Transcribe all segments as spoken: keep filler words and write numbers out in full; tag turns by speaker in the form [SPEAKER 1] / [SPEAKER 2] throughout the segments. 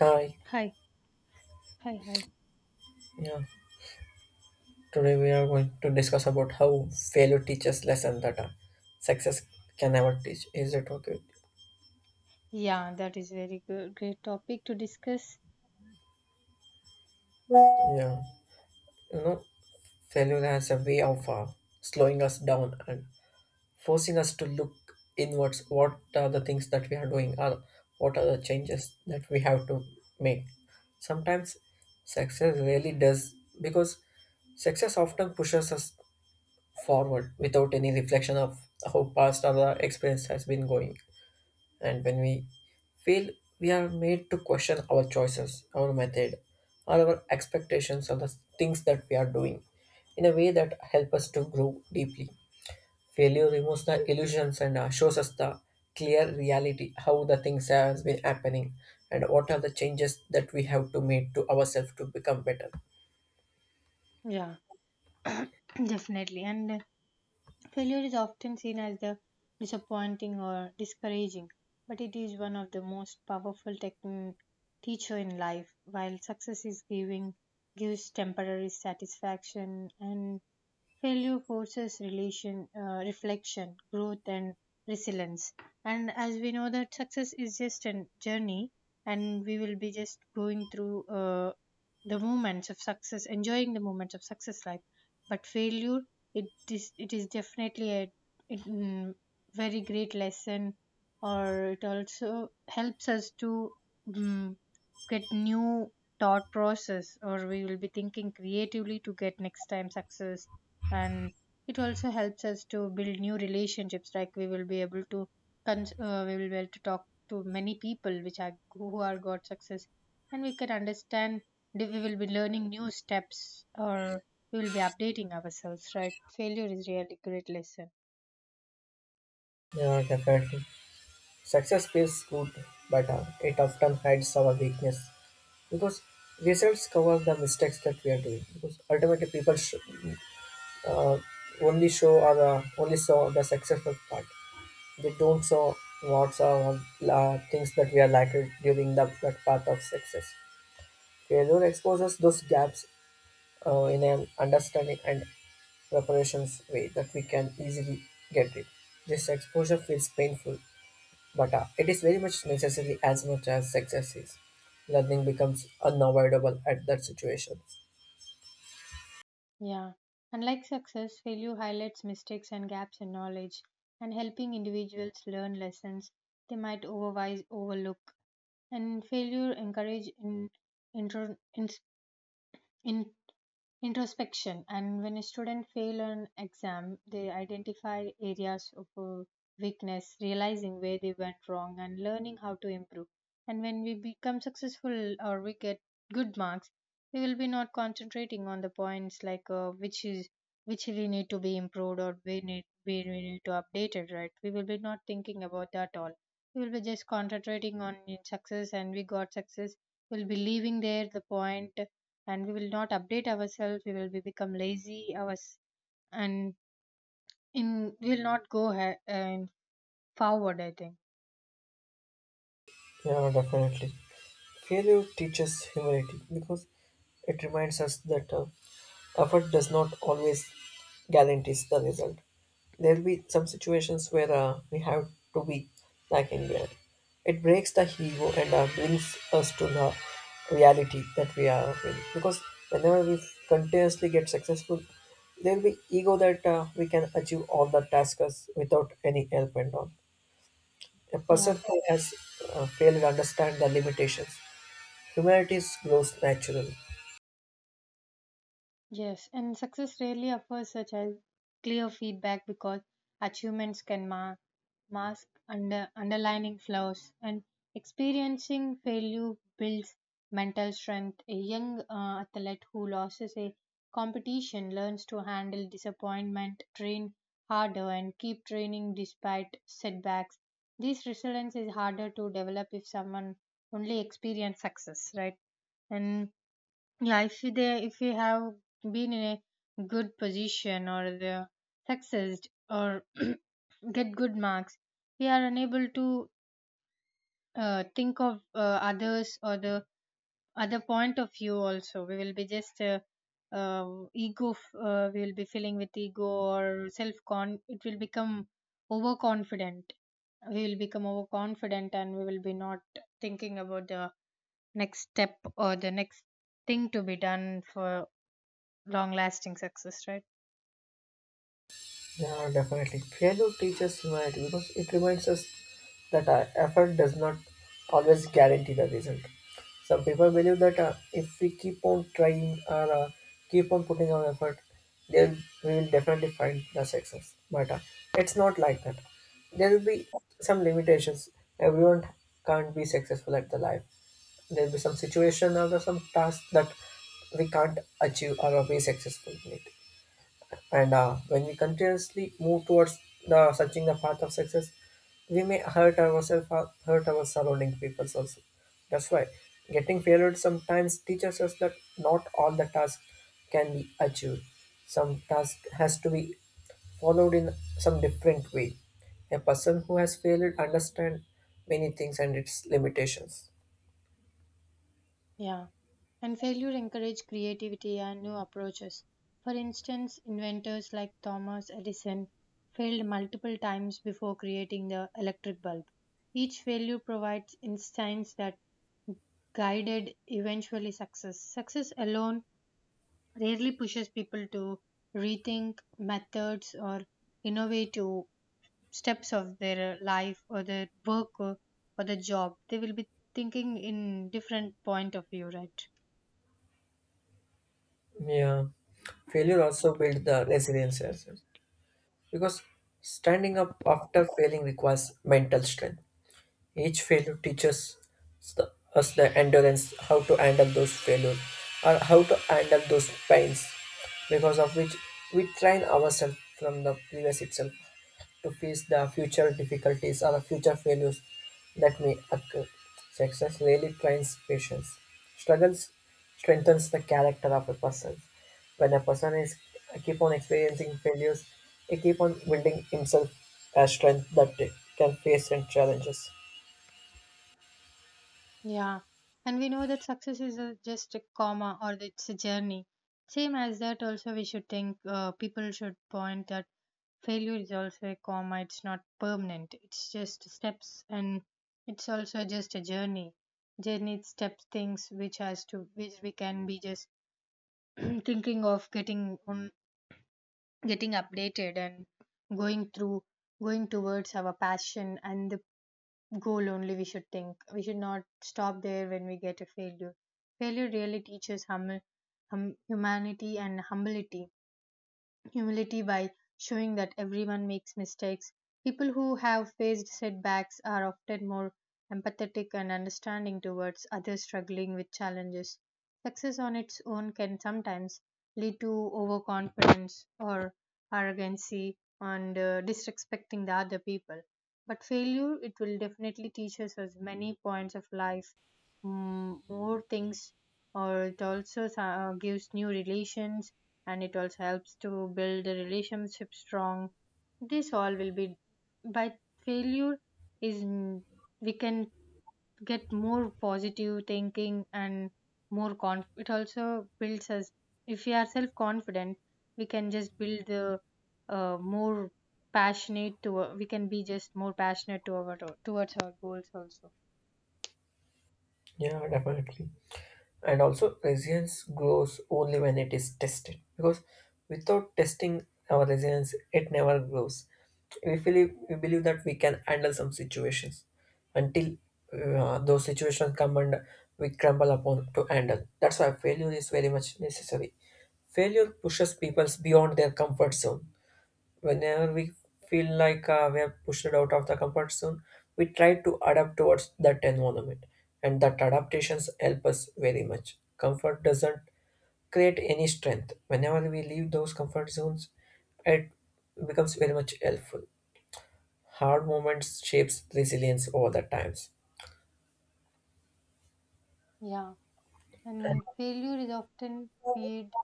[SPEAKER 1] Hi,
[SPEAKER 2] Hi, hi, hi.
[SPEAKER 1] yeah. Today we are going to discuss about how failure teaches lesson that uh, success can never teach. Is it okay with
[SPEAKER 2] Yeah, that is very good, great topic to discuss.
[SPEAKER 1] you? Yeah. You know, failure has a way of uh, slowing us down and forcing us to look inwards. What are the things that we are doing? Or what are the changes that we have to make? Sometimes success really does because success often pushes us forward without any reflection of how past or the experience has been going, and when we fail, we are made to question our choices, our method, or our expectations of the things that we are doing in a way that help us to grow deeply. Failure removes the illusions and uh, shows us the clear reality, how the things has been happening and what are the changes that we have to make to ourselves to become better.
[SPEAKER 2] Yeah, definitely. And uh, failure is often seen as the disappointing or discouraging, but it is one of the most powerful techn- teacher in life. While success is giving gives temporary satisfaction, and failure forces relation, uh, reflection, growth, and resilience. And as we know that success is just a journey, and we will be just going through uh, the moments of success, enjoying the moments of success life. But failure, it is it is definitely a it, mm, very great lesson, or it also helps us to mm get new thought process, or we will be thinking creatively to get next time success, and it also helps us to build new relationships like we will be able to cons- uh, we will be able to talk to many people which are who are got success, and we can understand that we will be learning new steps, or we will be updating ourselves, right? Failure is really great lesson.
[SPEAKER 1] Yeah, definitely. Success feels good, but uh, it often hides our weakness because results cover the mistakes that we are doing because ultimately people sh- uh, only show or uh, only saw the successful part. They don't saw what's uh, uh, things that we are lacking during the, that path of success. Failure exposes those gaps uh, in an understanding and preparations way that we can easily get rid. This exposure feels painful, but uh, it is very much necessary as much as success is. Learning becomes unavoidable at that situation.
[SPEAKER 2] Yeah, unlike success, failure highlights mistakes and gaps in knowledge, and helping individuals learn lessons they might otherwise overlook. And failure encourage in, intro, in, in introspection. And when a student fail an exam, they identify areas of uh, weakness, realizing where they went wrong and learning how to improve. And when we become successful, or we get good marks, we will be not concentrating on the points like uh, which is which we need to be improved, or we need we we need to update it, right? We will be not thinking about that all. We will be just concentrating on in success, and we got success, we'll be leaving there the point, and we will not update ourselves, we will be, become lazy ours, and in we will not go ahead and forward, I think.
[SPEAKER 1] Yeah, definitely. Failure teaches humility because it reminds us that uh, effort does not always guarantees the result. There'll be some situations where uh, we have to be lacking there. It breaks the ego and uh, brings us to the reality that we are in. Because whenever we continuously get successful, there'll be ego that uh, we can achieve all the tasks without any help and all. A person
[SPEAKER 2] Yeah.
[SPEAKER 1] who has uh, failed to understand the limitations. Humanities grows naturally.
[SPEAKER 2] Yes, and success rarely offers such as clear feedback, because achievements can ma- mask under underlining flaws, and experiencing failure builds mental strength. A young uh, athlete who loses a competition learns to handle disappointment, train harder, and keep training despite setbacks. This resilience is harder to develop if someone only experiences success, right? And yeah, if you they if you have been in a good position, or the successed, or get good marks, we are unable to uh, think of uh, others, or the other point of view. Also, we will be just uh, uh, ego. f- Uh, we will be filling with ego or self con. It will become overconfident. We will become overconfident, and we will be not thinking about the next step or the next thing to be done for long lasting success, right?
[SPEAKER 1] Yeah, definitely. Failure teaches humanity because it reminds us that our effort does not always guarantee the result. Some people believe that uh, if we keep on trying or uh, keep on putting our effort, then we will definitely find the success. But uh, it's not like that. There will be some limitations. Everyone can't be successful at the life. There will be some situation or some task that we can't achieve or be successful in it. And uh, when we continuously move towards the searching the path of success, we may hurt ourselves or hurt our surrounding people also. That's why getting failed sometimes teaches us that not all the tasks can be achieved. Some task has to be followed in some different way. A person who has failed understand many things and its limitations.
[SPEAKER 2] Yeah, and failure encouraged creativity and new approaches. For instance, inventors like Thomas Edison failed multiple times before creating the electric bulb. Each failure provides insights that guided eventually success. Success alone rarely pushes people to rethink methods or innovate to steps of their life, or their work, or, or the job, they will be thinking in different point of view, right?
[SPEAKER 1] Yeah. Failure also builds the resilience as well, because standing up after failing requires mental strength. Each failure teaches the- us the endurance, how to handle those failures, or how to handle those pains, because of which we train ourselves from the previous itself to face the future difficulties or the future failures that may occur. Success really trains patience. Struggles strengthens the character of a person. When a person is keep on experiencing failures, he keep on building himself a strength that can face and challenges.
[SPEAKER 2] Yeah, and we know that success is a, just a comma, or it's a journey. Same as that, also we should think uh, people should point that failure is also a comma. It's not permanent. It's just steps, and it's also just a journey. Journey steps things which has to which we can be just thinking of getting on getting updated, and going through going towards our passion and the goal, only we should think, we should not stop there when we get a failure. Failure really teaches hum, hum, humanity and humility humility, by showing that everyone makes mistakes. People who have faced setbacks are often more empathetic and understanding towards others struggling with challenges. Success on its own can sometimes lead to overconfidence or arrogancy, and uh, disrespecting the other people. But failure, it will definitely teach us as many points of life, mm, more things, or it also uh, gives new relations, and it also helps to build the relationship strong. This all will be by failure is n- we can get more positive thinking, and more conf it also builds us. If we are self confident, we can just build the uh, more passionate to we can be just more passionate to our towards our goals also.
[SPEAKER 1] Yeah, definitely. And also, resilience grows only when it is tested. Because without testing our resilience, it never grows. We believe, we believe that we can handle some situations until uh, those situations come and we crumble upon to handle. That's why failure is very much necessary. Failure pushes people beyond their comfort zone. Whenever we feel like uh, we are pushed out of the comfort zone, we try to adapt towards that environment, and that adaptations help us very much. Comfort doesn't create any strength. Whenever we leave those comfort zones, it becomes very much helpful. Hard moments shapes resilience over the times.
[SPEAKER 2] Yeah, and failure is often feared,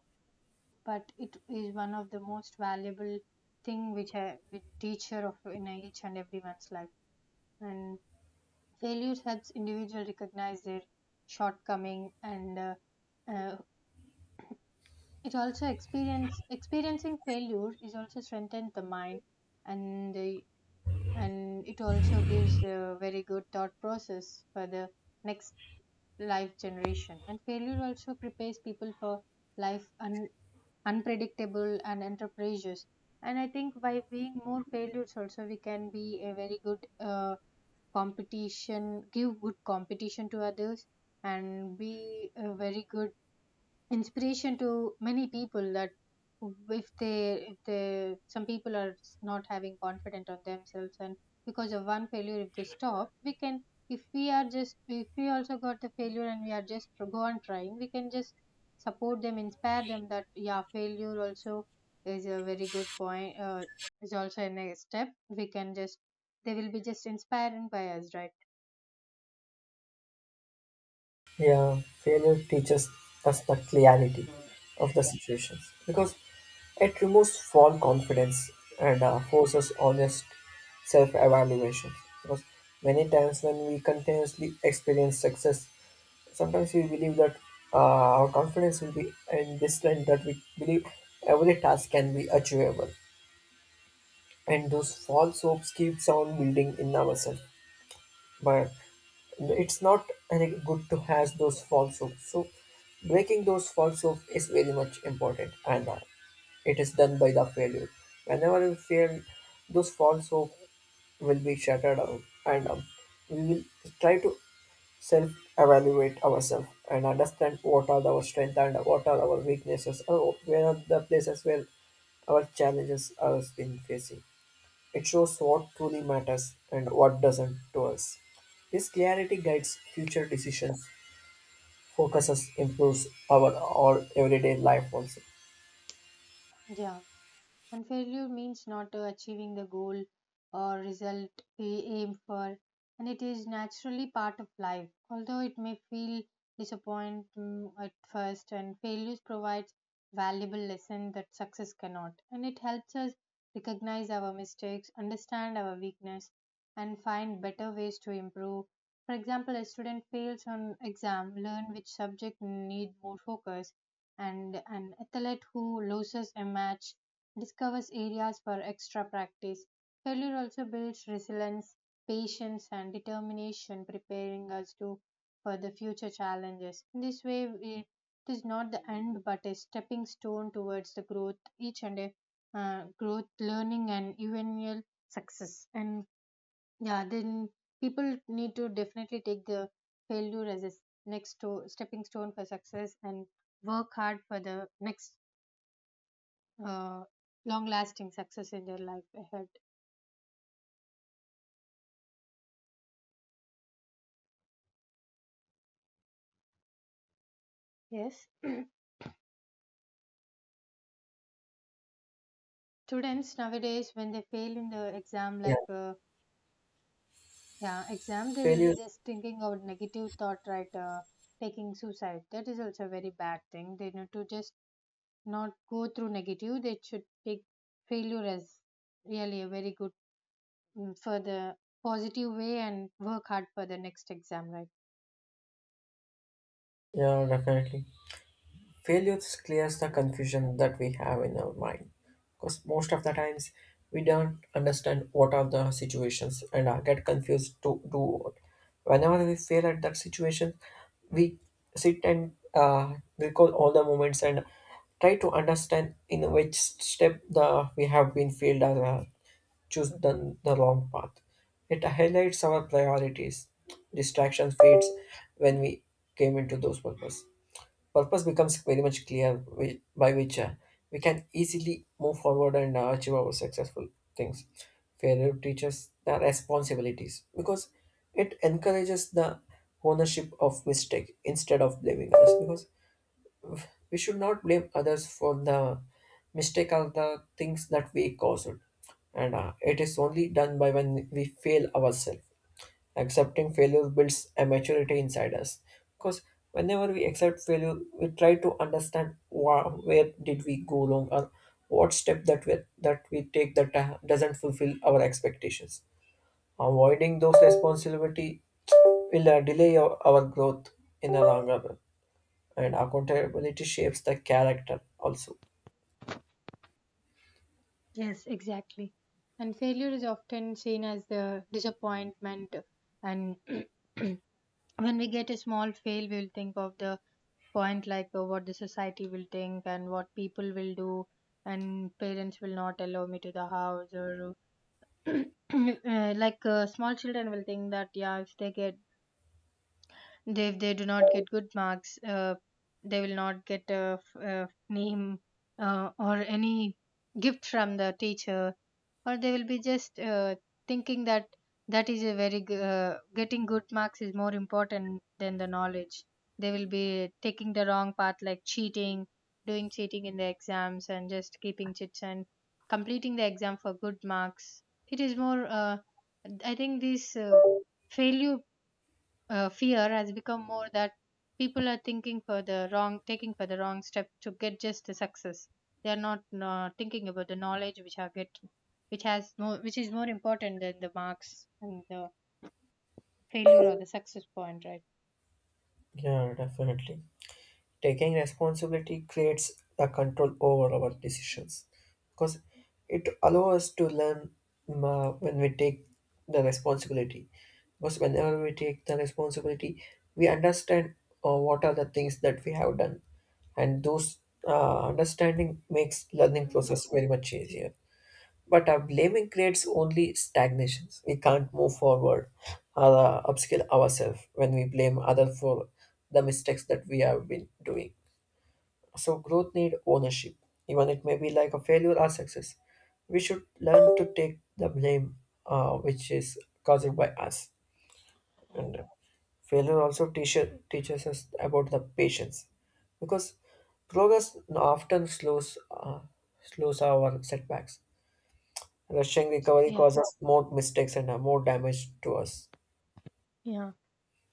[SPEAKER 2] but it is one of the most valuable thing which a teacher of in each and everyone's life. And failure helps individual recognize their shortcoming, and uh, uh, it also experience experiencing failure is also strengthens the mind, and the and it also gives a very good thought process for the next life generation. And failure also prepares people for life and unpredictable and enterprises. And I think by being more failures also, we can be a very good uh, competition give good competition to others, and be a very good inspiration to many people that if they if they some people are not having confidence on themselves, and because of one failure if they stop, we can if we are just if we also got the failure, and we are just go on trying, we can just support them, inspire them that yeah, failure also is a very good point, uh, is also a next step, we can just they will be just inspired by us, right?
[SPEAKER 1] Yeah, failure teaches us the clarity of the situations because it removes false confidence and uh, forces honest self-evaluation. Because many times when we continuously experience success, sometimes we believe that uh, our confidence will be in this line that we believe every task can be achievable, and those false hopes keeps on building in ourselves. But it's not any good to have those false hopes. So breaking those false hopes is very much important, and uh, it is done by the failure. Whenever we fail, those false hope will be shattered out, and um, we will try to self-evaluate ourselves and understand what are our strengths and what are our weaknesses, or where are the places where our challenges are been facing. It shows what truly matters and what doesn't to us. This clarity guides future decisions, focuses, improves our all everyday life also.
[SPEAKER 2] Yeah. And failure means not uh, achieving the goal or result we aim for, and it is naturally part of life. Although it may feel disappointing at first, and failures provides valuable lesson that success cannot, and it helps us recognize our mistakes, understand our weakness, and find better ways to improve. For example, a student fails on exam, learn which subject need more focus, and an athlete who loses a match discovers areas for extra practice. Failure also builds resilience, patience, and determination, preparing us to for the future challenges. In this way, we- it is not the end, but a stepping stone towards the growth, each and a uh, growth, learning, and eventual success. And yeah, then people need to definitely take the failure as a s- next to, stepping stone for success, and work hard for the next uh, long lasting success in their life ahead. Yes. Students nowadays, when they fail in the exam,
[SPEAKER 1] Yeah,
[SPEAKER 2] like uh, yeah, exam, they will be
[SPEAKER 1] failure.
[SPEAKER 2] just thinking of negative thought, right? Uh, taking suicide. That is also a very bad thing. They need to just not go through negative. They should take failure as really a very good, mm, for the positive way, and work hard for the next exam, right?
[SPEAKER 1] Yeah, definitely, failure clears the confusion that we have in our mind because most of the times we don't understand what are the situations and uh, get confused to do what. Whenever we fail at that situation, we sit and uh, recall all the moments and try to understand in which step the we have been failed or uh, choose the, the wrong path. It highlights our priorities. Distraction fades when we came into those purpose. Purpose becomes very much clear whi- by which uh, we can easily move forward and uh, achieve our successful things. Failure teaches the responsibilities because it encourages the ownership of mistake instead of blaming us. Because we should not blame others for the mistake or the things that we caused. And uh, it is only done by when we fail ourselves. Accepting failure builds a maturity inside us. Because whenever we accept failure, we try to understand wha- where did we go wrong or what step that we, that we take that uh, doesn't fulfill our expectations. Avoiding those responsibility will uh, delay our, our growth in the longer run. And accountability shapes the character also.
[SPEAKER 2] Yes, exactly. And failure is often seen as the disappointment. And when we get a small fail, we'll think of the point like uh, what the society will think, and what people will do, and parents will not allow me to the house, or uh, like uh, small children will think that yeah, if they get they, if they do not get good marks, uh, they will not get a, f- a name, uh, or any gift from the teacher, or they will be just uh, thinking that that is a very g- uh, getting good marks is more important than the knowledge. They will be taking the wrong path like cheating, doing cheating in the exams, and just keeping chits and completing the exam for good marks. It is more, uh, I think this, uh, failure, uh, fear has become more, that people are thinking for the wrong taking for the wrong step to get just the success. They are not uh, thinking about the knowledge, which are get which has more which is more important than the marks, and the failure or the success point, right?
[SPEAKER 1] Yeah, definitely. Taking responsibility creates a control over our decisions because it allows us to learn um, uh, when we take the responsibility. Because whenever we take the responsibility, we understand uh, what are the things that we have done, and those uh, understanding makes learning process very much easier. But our blaming creates only stagnations. We can't move forward or uh, upskill ourselves when we blame other for the mistakes that we have been doing. So growth need ownership, even it may be like a failure or success. We should learn to take the blame, uh, which is caused by us. And uh, failure also teaches teaches us about the patience, because progress often slows uh, slows our setbacks. Rushing recovery
[SPEAKER 2] Yeah.
[SPEAKER 1] causes more mistakes and uh, more damage to us.
[SPEAKER 2] Yeah.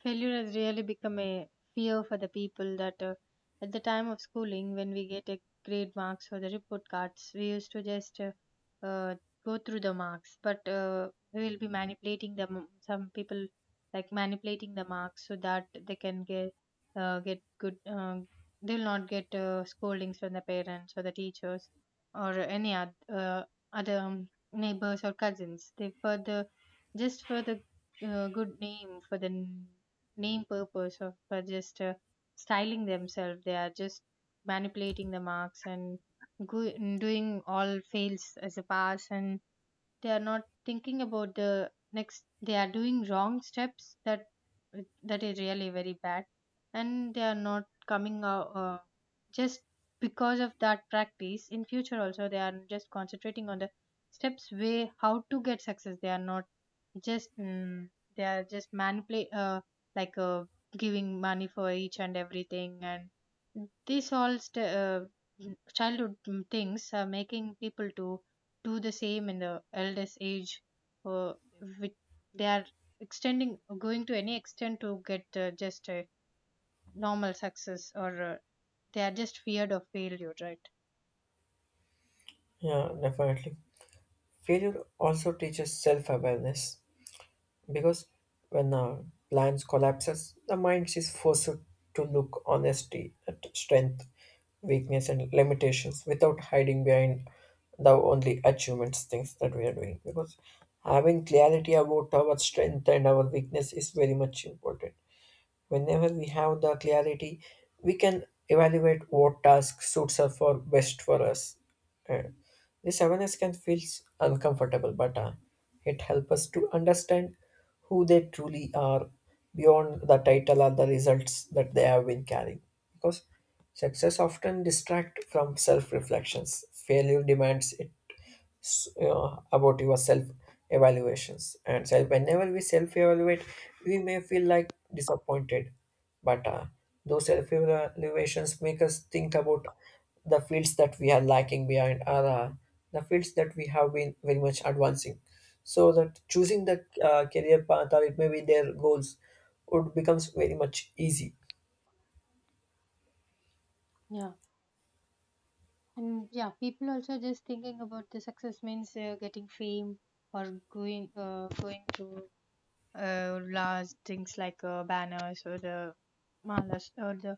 [SPEAKER 2] Failure has really become a fear for the people that uh, at the time of schooling, when we get a grade marks for the report cards, we used to just uh, uh, go through the marks, but uh, we will be manipulating them. Some people like manipulating the marks so that they can get uh, get good. Uh, they will not get uh, scoldings from the parents or the teachers, or any oth- uh, other um, neighbors or cousins. They further just for the uh, good name for the name purpose of for just uh, styling themselves, they are just manipulating the marks and go- doing all fails as a pass, and they are not thinking about the next. They are doing wrong steps. That that is really very bad, and they are not coming out. Uh, just because of that practice in future also, they are just concentrating on the steps way how to get success. They are not just mm, they are just manipulate uh, like uh, giving money for each and everything. And these all st- uh, childhood mm, things are making people to do the same in the eldest age, uh, with, they are extending, going to any extent to get uh, just a normal success, or uh, they are just feared of failure, right?
[SPEAKER 1] Yeah, definitely. Failure also teaches self-awareness because when uh, plans collapses, the mind is forced to look honestly at strength, weakness, and limitations without hiding behind the only achievements things that we are doing. Because having clarity about our strength and our weakness is very much important. Whenever we have the clarity, we can evaluate what task suits us for best for us. Uh, this awareness can feel uncomfortable, but uh, it helps us to understand who they truly are beyond the title or the results that they have been carrying. Because success often distracts from self reflections. Failure demands it. s- uh, about your self evaluations and self. Whenever we self evaluate, we may feel like disappointed, but uh, those self evaluations make us think about the fields that we are lacking behind or uh, the fields that we have been very much advancing, so that choosing the uh, career path or it may be their goals would becomes very much easy.
[SPEAKER 2] Yeah, and yeah, people also just thinking about the success means uh, getting fame, or going uh, going to uh, large things like uh, banners or the malas or the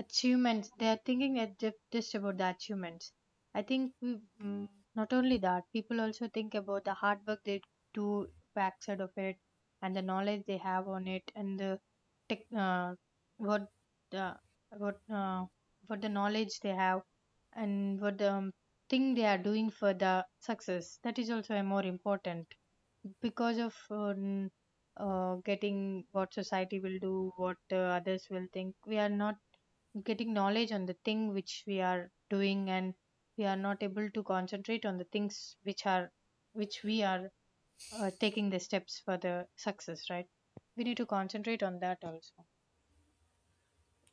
[SPEAKER 2] achievements. They are thinking at ju- just about the achievements. I think we, mm, not only that, people also think about the hard work they do backside of it, and the knowledge they have on it, and the tech, uh, what the what uh, what the knowledge they have, and what the um, thing they are doing for the success. That is also a more important. Because of um, uh, getting what society will do, what uh, others will think, we are not getting knowledge on the thing which we are doing, and we are not able to concentrate on the things which are which we are uh, taking the steps for the success, right? We need to concentrate on that also.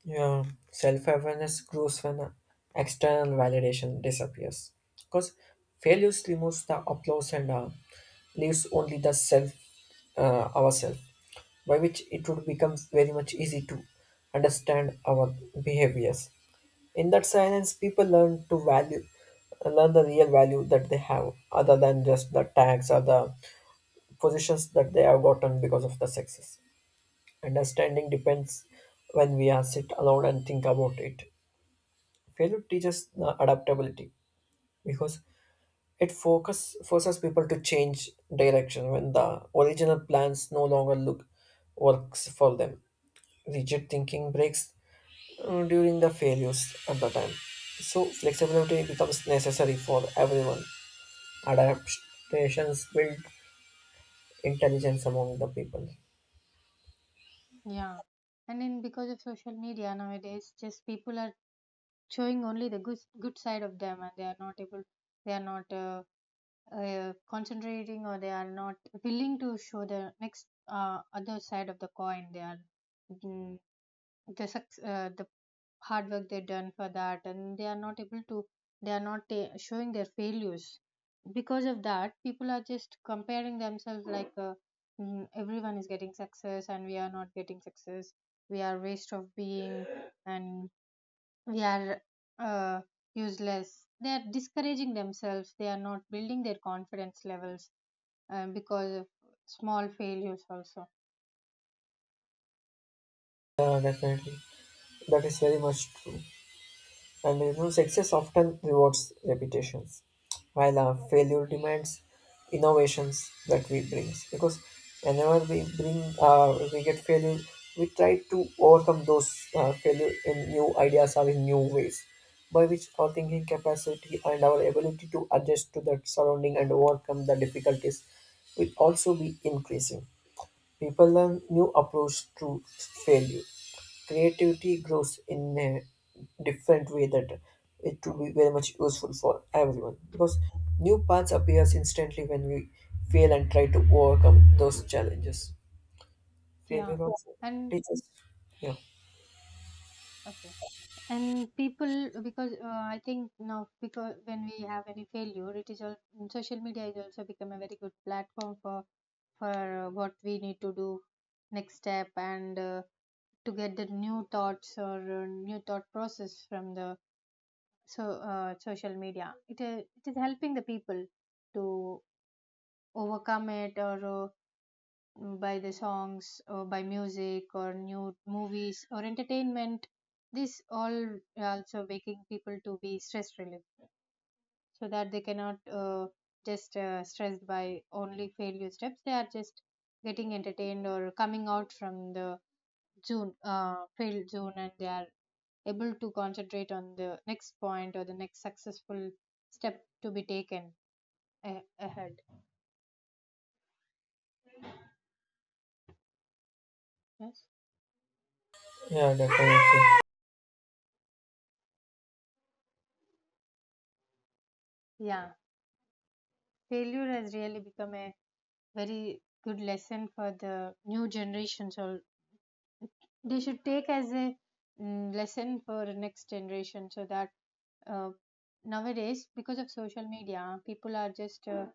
[SPEAKER 1] Yeah, self awareness grows when external validation disappears. Because failures removes the applause and uh, leaves only the self, uh, ourself, by which it would become very much easy to understand our behaviors. In that silence, people learn to value, learn the real value that they have, other than just the tags or the positions that they have gotten because of the success. Understanding depends when we are sit alone and think about it. Failure teaches uh, adaptability because it focus forces people to change direction when the original plans no longer look works for them. Rigid thinking breaks uh, during the failures at the time. So flexibility becomes necessary for everyone. Adaptations build intelligence among the people.
[SPEAKER 2] Yeah. And then because of social media nowadays, just people are showing only the good good side of them, and they are not able, they are not uh, uh, concentrating, or they are not willing to show the next uh, other side of the coin. They are mm, the suc- uh, the hard work they've done for that, and they are not able to, they are not ta- showing their failures. Because of that, people are just comparing themselves like uh, "Mm, everyone is getting success and we are not getting success, we are waste of being, and we are, uh, useless." They are discouraging themselves, they are not building their confidence levels um, because of small failures also.
[SPEAKER 1] Yeah, definitely. That is very much true. And you know, success often rewards reputations, while uh, failure demands innovations that we bring. Because whenever we bring, uh, we get failure, we try to overcome those uh, failure in new ideas or in new ways, by which our thinking capacity and our ability to adjust to that surrounding and overcome the difficulties will also be increasing. People learn new approach to failure. Creativity grows in a different way that it will be very much useful for everyone because new paths appears instantly when we fail and try to overcome those challenges.
[SPEAKER 2] Yeah.
[SPEAKER 1] Failure also
[SPEAKER 2] And
[SPEAKER 1] teaches. Yeah.
[SPEAKER 2] okay. And people, because uh, I think now, because when we have any failure it is all, social media is also become a very good platform for, for uh, what we need to do next step, and uh, to get the new thoughts or uh, new thought process from the, so uh, social media, it, uh, it is helping the people to overcome it, or uh, by the songs or by music or new movies or entertainment. This all also making people to be stress relieved, so that they cannot uh, just uh, stressed by only failure steps. They are just getting entertained or coming out from the zone, uh, failed zone, and they are able to concentrate on the next point or the next successful step to be taken a- ahead. Yes.
[SPEAKER 1] Yeah, definitely.
[SPEAKER 2] Yeah, failure has really become a very good lesson for the new generation. So they should take as a mm, lesson for the next generation, so that uh, nowadays, because of social media, people are just uh,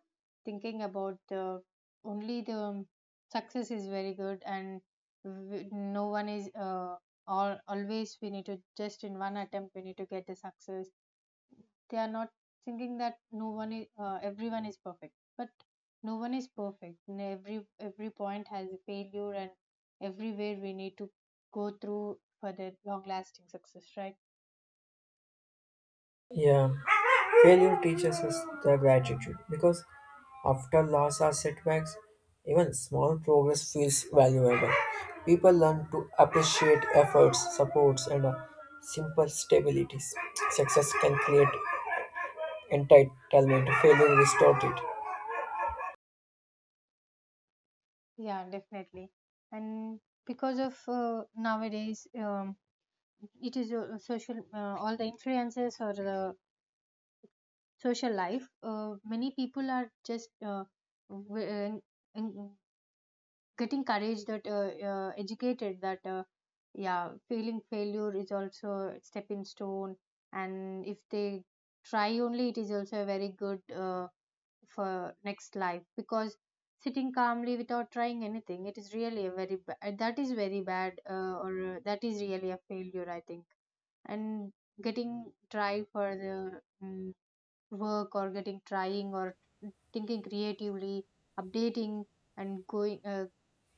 [SPEAKER 2] thinking about the only the um, success is very good. And w- no one is uh, all always we need to just in one attempt we need to get the success. They are not thinking that no one is uh, everyone is perfect, but no one is perfect, and every every point has a failure, and everywhere we need to go through for the long lasting success, right?
[SPEAKER 1] Yeah. Failure teaches us the gratitude because after loss or setbacks, even small progress feels valuable. People learn to appreciate efforts, supports, and uh, simple stabilities. Success can create entitlement, failure restores it.
[SPEAKER 2] Yeah, definitely. And because of uh, nowadays, um, it is uh, social uh, all the influences or the social life, uh, many people are just uh, w- uh, en- en- getting courage that uh, uh, educated that uh, yeah, feeling failure is also a stepping stone, and if they try only, it is also a very good uh, for next life. Because sitting calmly without trying anything, it is really a very bad, that is very bad, uh, or uh, that is really a failure, I think. And getting try for the mm work, or getting trying, or thinking creatively, updating, and going uh,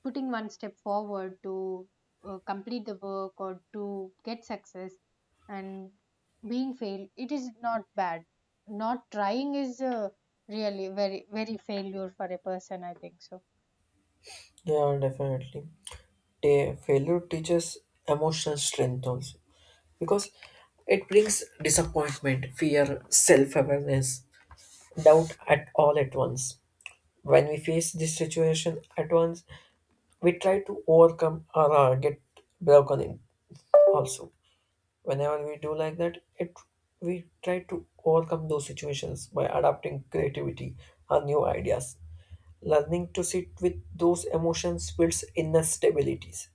[SPEAKER 2] putting one step forward to uh, complete the work or to get success. And being failed, it is not bad. Not trying is uh, really very very failure for a person, I think so.
[SPEAKER 1] Yeah, definitely. Ta- failure teaches emotional strength also because it brings disappointment, fear, self awareness, doubt at all at once. When we face this situation at once, we try to overcome or uh, get broken in also. Whenever we do like that, it we try to overcome those situations by adapting creativity or new ideas. Learning to sit with those emotions builds inner stabilities.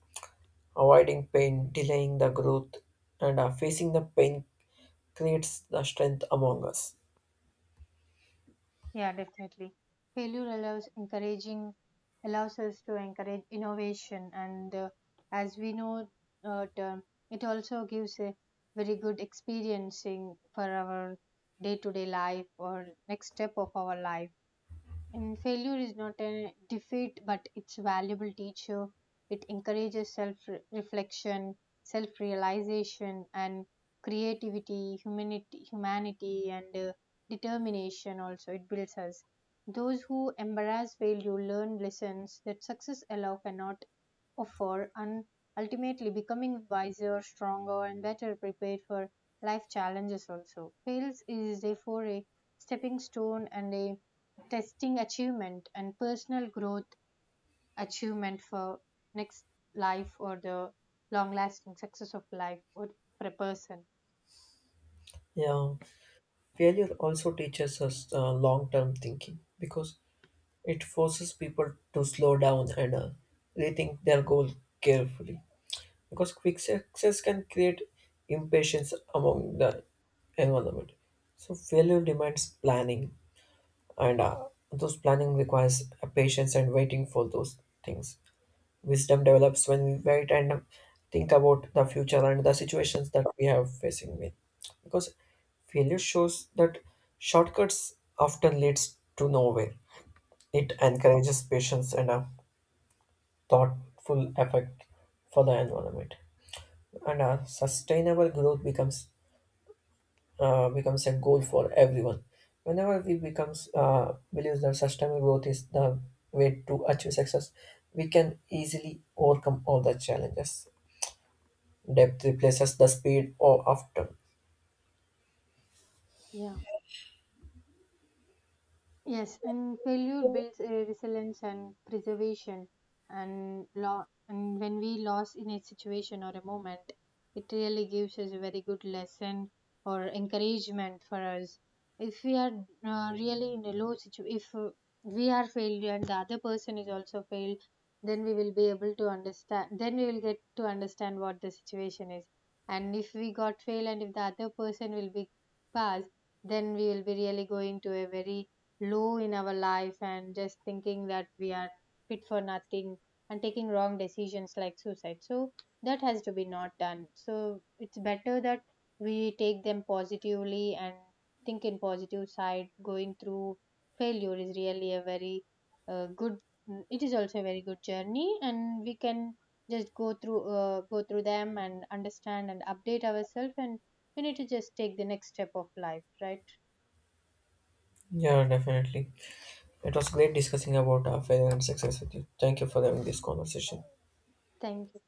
[SPEAKER 1] Avoiding pain, delaying the growth, and uh, facing the pain creates the strength among us.
[SPEAKER 2] Yeah, definitely. Failure allows encouraging allows us to encourage innovation, and uh, as we know uh, term, it also gives a very good experiencing for our day to day life or next step of our life. And failure is not a defeat, but it's a valuable teacher. It encourages self reflection, self realization, and creativity, humanity, humanity and uh, determination. Also, it builds us. Those who embrace failure learn lessons that success alone cannot offer, and ultimately becoming wiser, stronger, and better prepared for life challenges. Also, fails is therefore a stepping stone and a testing achievement and personal growth achievement for next life, or the long lasting success of life, or for a person.
[SPEAKER 1] Yeah, failure also teaches us uh, long term thinking because it forces people to slow down and uh, rethink their goal carefully because quick success can create impatience among the environment. So failure demands planning, and uh, those planning requires a patience and waiting for those things. Wisdom develops when we wait and think about the future and the situations that we have facing with, because failure shows that shortcuts often leads to nowhere. It encourages patience and uh, thoughtful effect for the environment and uh, sustainable growth becomes uh, becomes a goal for everyone. Whenever we becomes uh, believes that sustainable growth is the way to achieve success, we can easily overcome all the challenges. Depth replaces the speed or after.
[SPEAKER 2] Yeah. Yes, and failure builds a resilience and preservation. And lo- and when we lost in a situation or a moment, it really gives us a very good lesson or encouragement for us. If we are uh, really in a low situation, if uh, we are failed and the other person is also failed, then we will be able to understand. Then we will get to understand what the situation is. And if we got failed and if the other person will be passed, then we will be really going to a very low in our life, and just thinking that we are fit for nothing and taking wrong decisions like suicide. So that has to be not done. So it's better that we take them positively and think in positive side. Going through failure is really a very uh, good, mm, it is also a very good journey, and we can just go through uh, go through them and understand and update ourselves, and we need to just take the next step of life, right?
[SPEAKER 1] Yeah, definitely. It was great discussing about uh, failure and success with you. Thank you for having this conversation.
[SPEAKER 2] Thank